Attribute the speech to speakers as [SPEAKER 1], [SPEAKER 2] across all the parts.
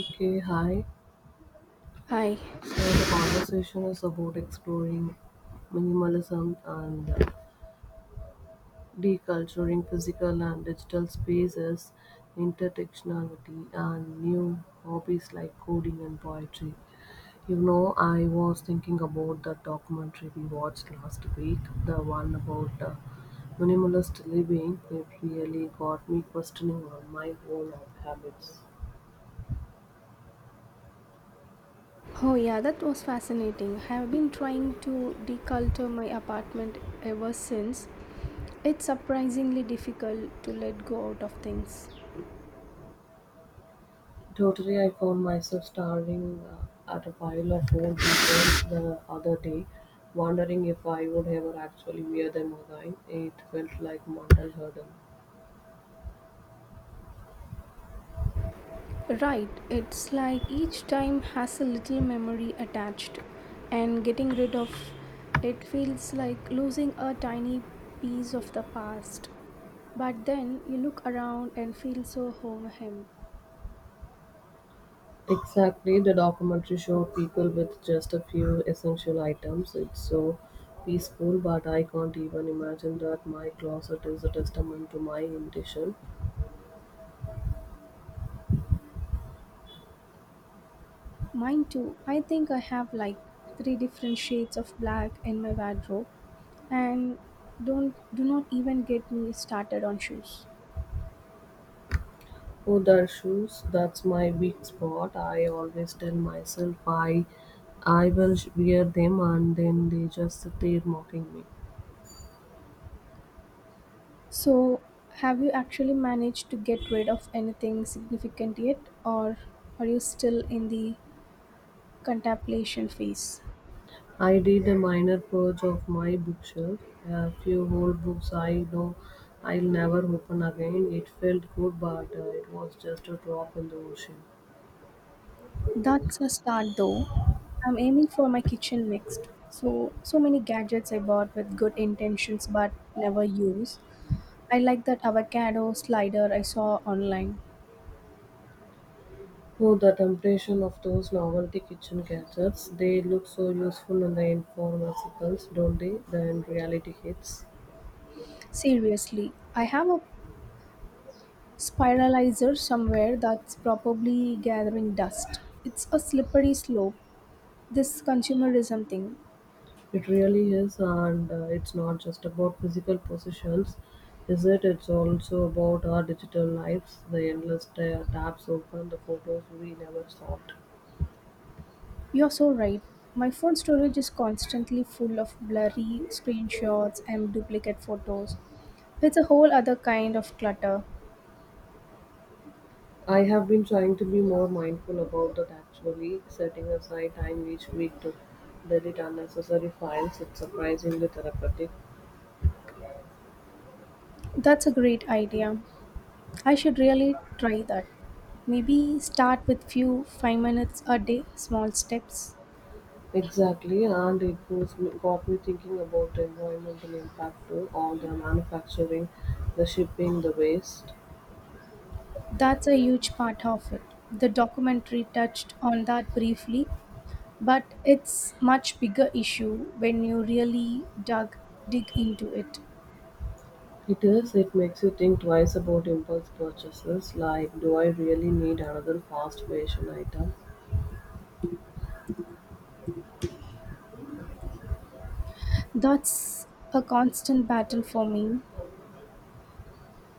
[SPEAKER 1] Okay, hi.
[SPEAKER 2] Hi.
[SPEAKER 1] So the conversation is about exploring minimalism and deculturing physical and digital spaces, intertextuality, and new hobbies like coding and poetry. You know, I was thinking about the documentary we watched last week, the one about minimalist living. It really got me questioning on my own habits.
[SPEAKER 2] Oh, yeah, that was fascinating. I have been trying to declutter my apartment ever since. It's surprisingly difficult to let go out of things.
[SPEAKER 1] Totally, I found myself staring at a pile of old t-shirts the other day, wondering if I would ever actually wear them again. It felt like mental hurdle.
[SPEAKER 2] Right, it's like each time has a little memory attached, and getting rid of it feels like losing a tiny piece of the past. But then you look around and feel so homehim.
[SPEAKER 1] Exactly, the documentary showed people with just a few essential items. It's so peaceful, but I can't even imagine that my closet is a testament to my intention.
[SPEAKER 2] Mine too. I think I have like three different shades of black in my wardrobe and don't do not even get me started on shoes.
[SPEAKER 1] Oh, the shoes, that's my weak spot. I always tell myself I wear them and then they just sit mocking me.
[SPEAKER 2] So have you actually managed to get rid of anything significant yet, or are you still in the contemplation phase?
[SPEAKER 1] I did a minor purge of my bookshelf, a few old books I know I'll never open again. It felt good, but it was just a drop in the ocean.
[SPEAKER 2] That's a start though. I'm aiming for my kitchen next. So many gadgets I bought with good intentions but never use. I like that avocado slider I saw online.
[SPEAKER 1] Oh, the temptation of those novelty kitchen gadgets. They look so useful in the infomercials, don't they? Then reality hits.
[SPEAKER 2] Seriously, I have a spiralizer somewhere that's probably gathering dust. It's a slippery slope, this consumerism thing.
[SPEAKER 1] It really is, and it's not just about physical possessions, is it? It's also about our digital lives, the endless tabs open, the photos we never stopped.
[SPEAKER 2] You're so right. My phone storage is constantly full of blurry screenshots and duplicate photos. It's a whole other kind of clutter.
[SPEAKER 1] I have been trying to be more mindful about that actually, setting aside time each week to delete unnecessary files. It's surprisingly therapeutic.
[SPEAKER 2] That's a great idea. I should really try that. Maybe start with few 5 minutes a day, small steps.
[SPEAKER 1] Exactly, and it was, got me thinking about the environmental impact too, all the manufacturing, the shipping, the waste.
[SPEAKER 2] That's a huge part of it. The documentary touched on that briefly, but it's much bigger issue when you really dug dig into it.
[SPEAKER 1] Peters, it makes you think twice about impulse purchases like do I really need another fast fashion item?
[SPEAKER 2] That's a constant battle for me.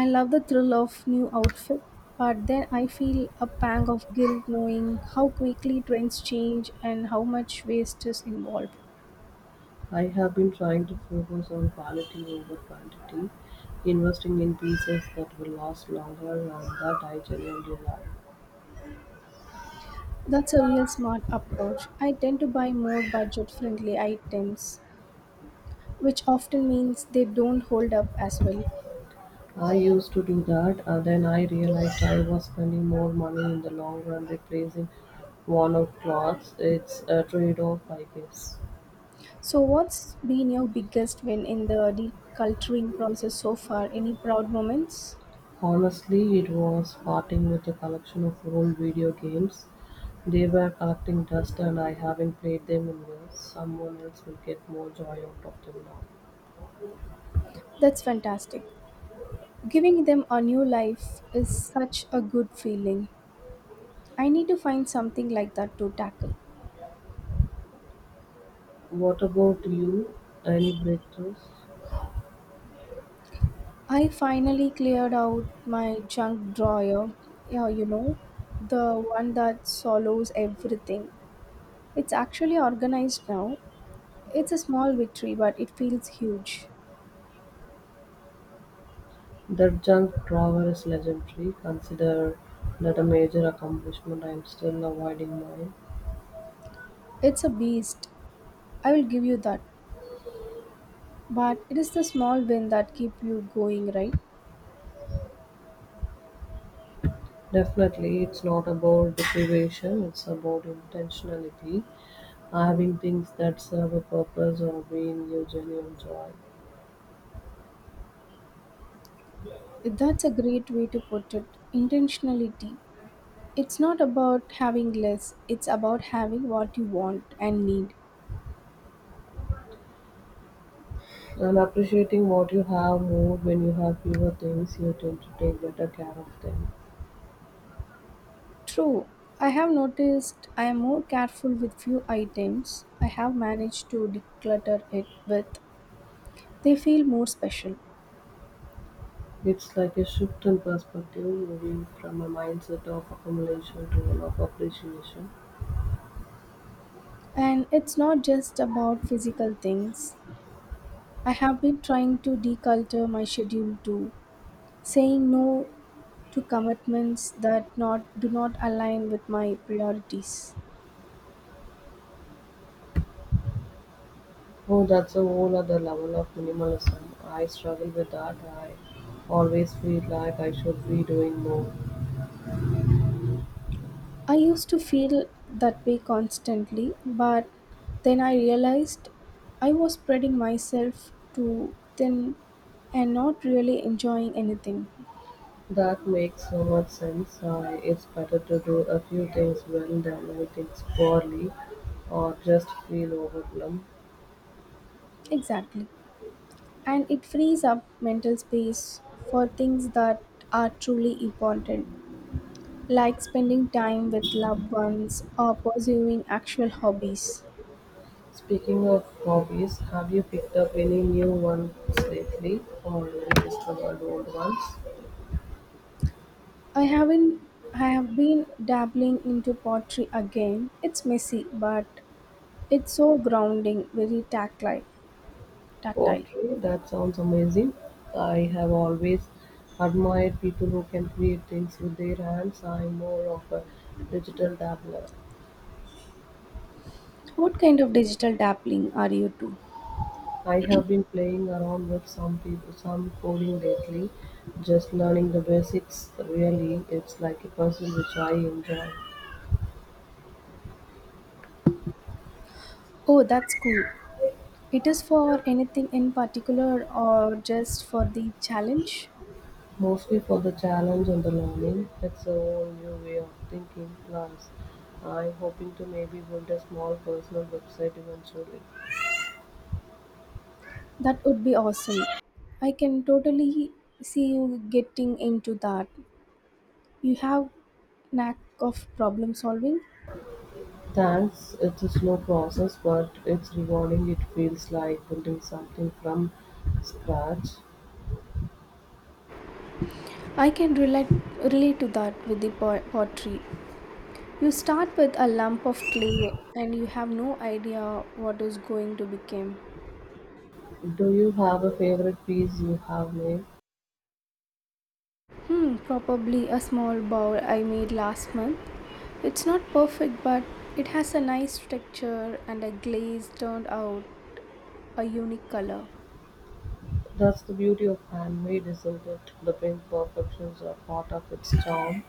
[SPEAKER 2] I love the thrill of new outfit, but then I feel a pang of guilt knowing how quickly trends change and how much waste is involved.
[SPEAKER 1] I have been trying to focus on quality over quantity, investing in pieces that will last longer and that I genuinely love.
[SPEAKER 2] That's a real smart approach. I tend to buy more budget friendly items, which often means they don't hold up as well.
[SPEAKER 1] I used to do that and then I realized I was spending more money in the long run replacing worn out clothes. It's a trade off, I guess.
[SPEAKER 2] So, what's been your biggest win in the deculturing process so far? Any proud moments?
[SPEAKER 1] Honestly, it was parting with a collection of old video games. They were collecting dust and I haven't played them in years. Someone else will get more joy out of them now.
[SPEAKER 2] That's fantastic. Giving them a new life is such a good feeling. I need to find something like that to tackle.
[SPEAKER 1] What about you? Any breakthroughs?
[SPEAKER 2] I finally cleared out my junk drawer. Yeah, you know, the one that swallows everything. It's actually organized now. It's a small victory, but it feels huge.
[SPEAKER 1] That junk drawer is legendary. Consider that a major accomplishment. I'm still avoiding mine.
[SPEAKER 2] It's a beast. I will give you that. But it is the small win that keep you going, right?
[SPEAKER 1] Definitely, it's not about deprivation, it's about intentionality, having things that serve a purpose or being you genuine joy.
[SPEAKER 2] That's a great way to put it. Intentionality. It's not about having less, it's about having what you want and need.
[SPEAKER 1] And appreciating what you have more when you have fewer things, you tend to take better care of them.
[SPEAKER 2] True. I have noticed I am more careful with few items I have managed to declutter it with. They feel more special.
[SPEAKER 1] It's like a shift in perspective, moving from a mindset of accumulation to one of appreciation.
[SPEAKER 2] And it's not just about physical things. I have been trying to declutter my schedule too, saying no to commitments that not do not align with my priorities.
[SPEAKER 1] Oh, that's a whole other level of minimalism. I struggle with that. I always feel like I should be doing more.
[SPEAKER 2] I used to feel that way constantly, but then I realized I was spreading myself too thin and not really enjoying anything.
[SPEAKER 1] That makes so much sense. It's better to do a few things well than many things poorly or just feel overwhelmed.
[SPEAKER 2] Exactly. And it frees up mental space for things that are truly important, like spending time with loved ones or pursuing actual hobbies.
[SPEAKER 1] Speaking of hobbies, have you picked up any new ones lately or rediscovered old ones?
[SPEAKER 2] I haven't I have been dabbling into pottery again. It's messy, but it's so grounding, very tactile. Tactile.
[SPEAKER 1] Pottery, that sounds amazing. I have always admired people who can create things with their hands. I'm more of a digital dabbler.
[SPEAKER 2] What kind of digital dabbling are you to?
[SPEAKER 1] I have been playing around with some people, some coding lately, just learning the basics. Really, it's like a puzzle which I enjoy.
[SPEAKER 2] Oh, that's cool. It is for anything in particular or just for the challenge?
[SPEAKER 1] Mostly for the challenge and the learning. It's a whole new way of thinking, plus I'm hoping to maybe build a small personal website eventually.
[SPEAKER 2] That would be awesome. I can totally see you getting into that. You have knack of problem solving.
[SPEAKER 1] Thanks. It's a slow process, but it's rewarding. It feels like building something from scratch.
[SPEAKER 2] I can relate to that with the pottery. You start with a lump of clay and you have no idea what is going to become.
[SPEAKER 1] Do you have a favorite piece you have made?
[SPEAKER 2] Hmm, probably a small bowl I made last month. It's not perfect, but it has a nice texture and a glaze turned out a unique color.
[SPEAKER 1] That's the beauty of handmade, isn't it? The pink perfections are part of its charm.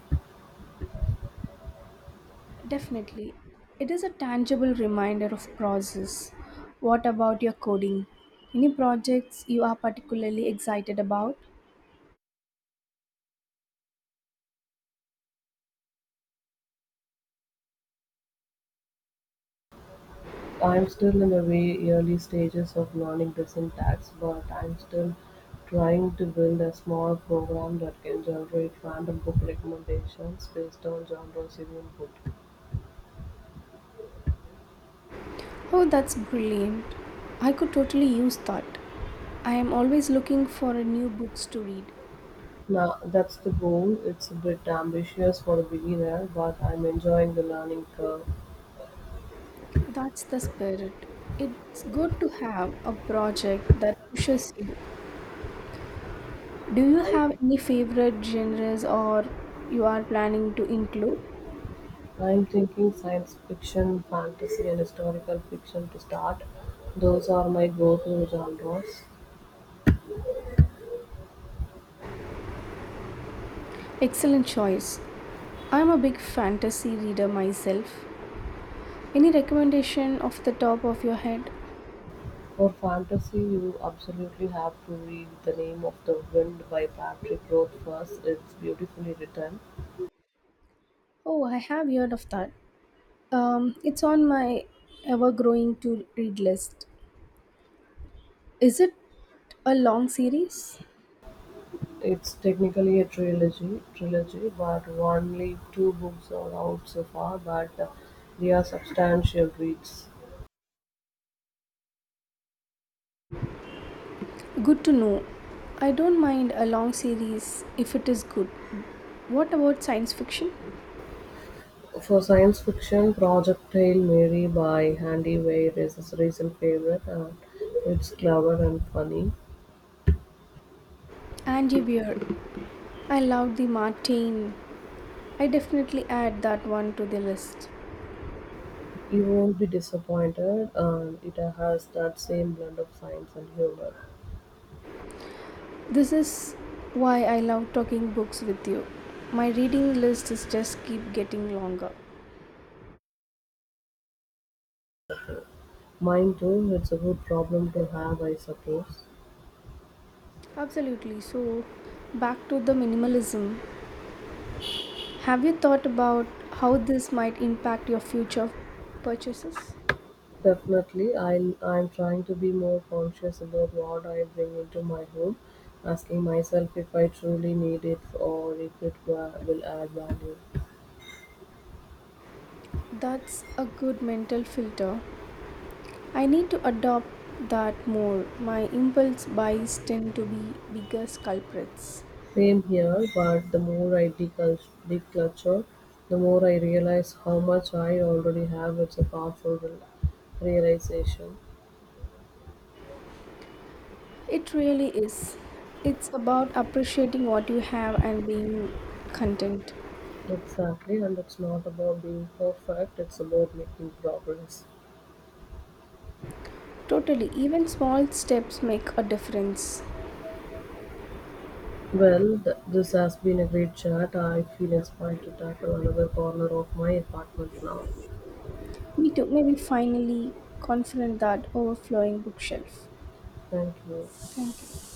[SPEAKER 2] Definitely, it is a tangible reminder of process. What about your coding? Any projects you are particularly excited about?
[SPEAKER 1] I'm still in the very early stages of learning the syntax, but I'm still trying to build a small program that can generate random book recommendations based on genres you input.
[SPEAKER 2] Oh, that's brilliant. I could totally use that. I am always looking for a new books to read.
[SPEAKER 1] Now, that's the goal. It's a bit ambitious for a beginner, but I'm enjoying the learning curve.
[SPEAKER 2] That's the spirit. It's good to have a project that pushes you. Do you
[SPEAKER 1] I'm,
[SPEAKER 2] have any favorite genres or you are planning to include?
[SPEAKER 1] I'm thinking science fiction, fantasy, and historical fiction to start. Those are my go to genres.
[SPEAKER 2] Excellent choice. I'm a big fantasy reader myself. Any recommendation off the top of your head?
[SPEAKER 1] For fantasy you absolutely have to read "The Name of the Wind" by Patrick Roth first. It's beautifully written.
[SPEAKER 2] Oh, I have heard of that. It's on my ever growing to read list. Is it a long series?
[SPEAKER 1] It's technically a trilogy, but only two books are out so far. But they are substantial reads.
[SPEAKER 2] Good to know. I don't mind a long series if it is good. What about science fiction?
[SPEAKER 1] For science fiction, Project Hail Mary by Andy Weir is his recent favorite, and it's clever and funny.
[SPEAKER 2] Andy Weir. I love the Martin. I definitely add that one to the list.
[SPEAKER 1] You won't be disappointed, and it has that same blend of science and humor.
[SPEAKER 2] This is why I love talking books with you. My reading list is just keep getting longer.
[SPEAKER 1] Mine too, it's a good problem to have I suppose.
[SPEAKER 2] Absolutely. So, back to the minimalism. Have you thought about how this might impact your future purchases?
[SPEAKER 1] Definitely, I'm trying to be more conscious about what I bring into my home, asking myself if I truly need it or if it will add value.
[SPEAKER 2] That's a good mental filter. I need to adopt that more. My impulse buys tend to be biggest culprits.
[SPEAKER 1] Same here, but the more I declutter, the more I realize how much I already have. It's a powerful realization.
[SPEAKER 2] It really is. It's about appreciating what you have and being content.
[SPEAKER 1] Exactly, and it's not about being perfect, it's about making progress.
[SPEAKER 2] Totally, even small steps make a difference.
[SPEAKER 1] Well, this has been a great chat. I feel inspired to tackle another corner of my apartment now.
[SPEAKER 2] Me too, maybe finally confront that overflowing bookshelf.
[SPEAKER 1] Thank you.
[SPEAKER 2] Thank you.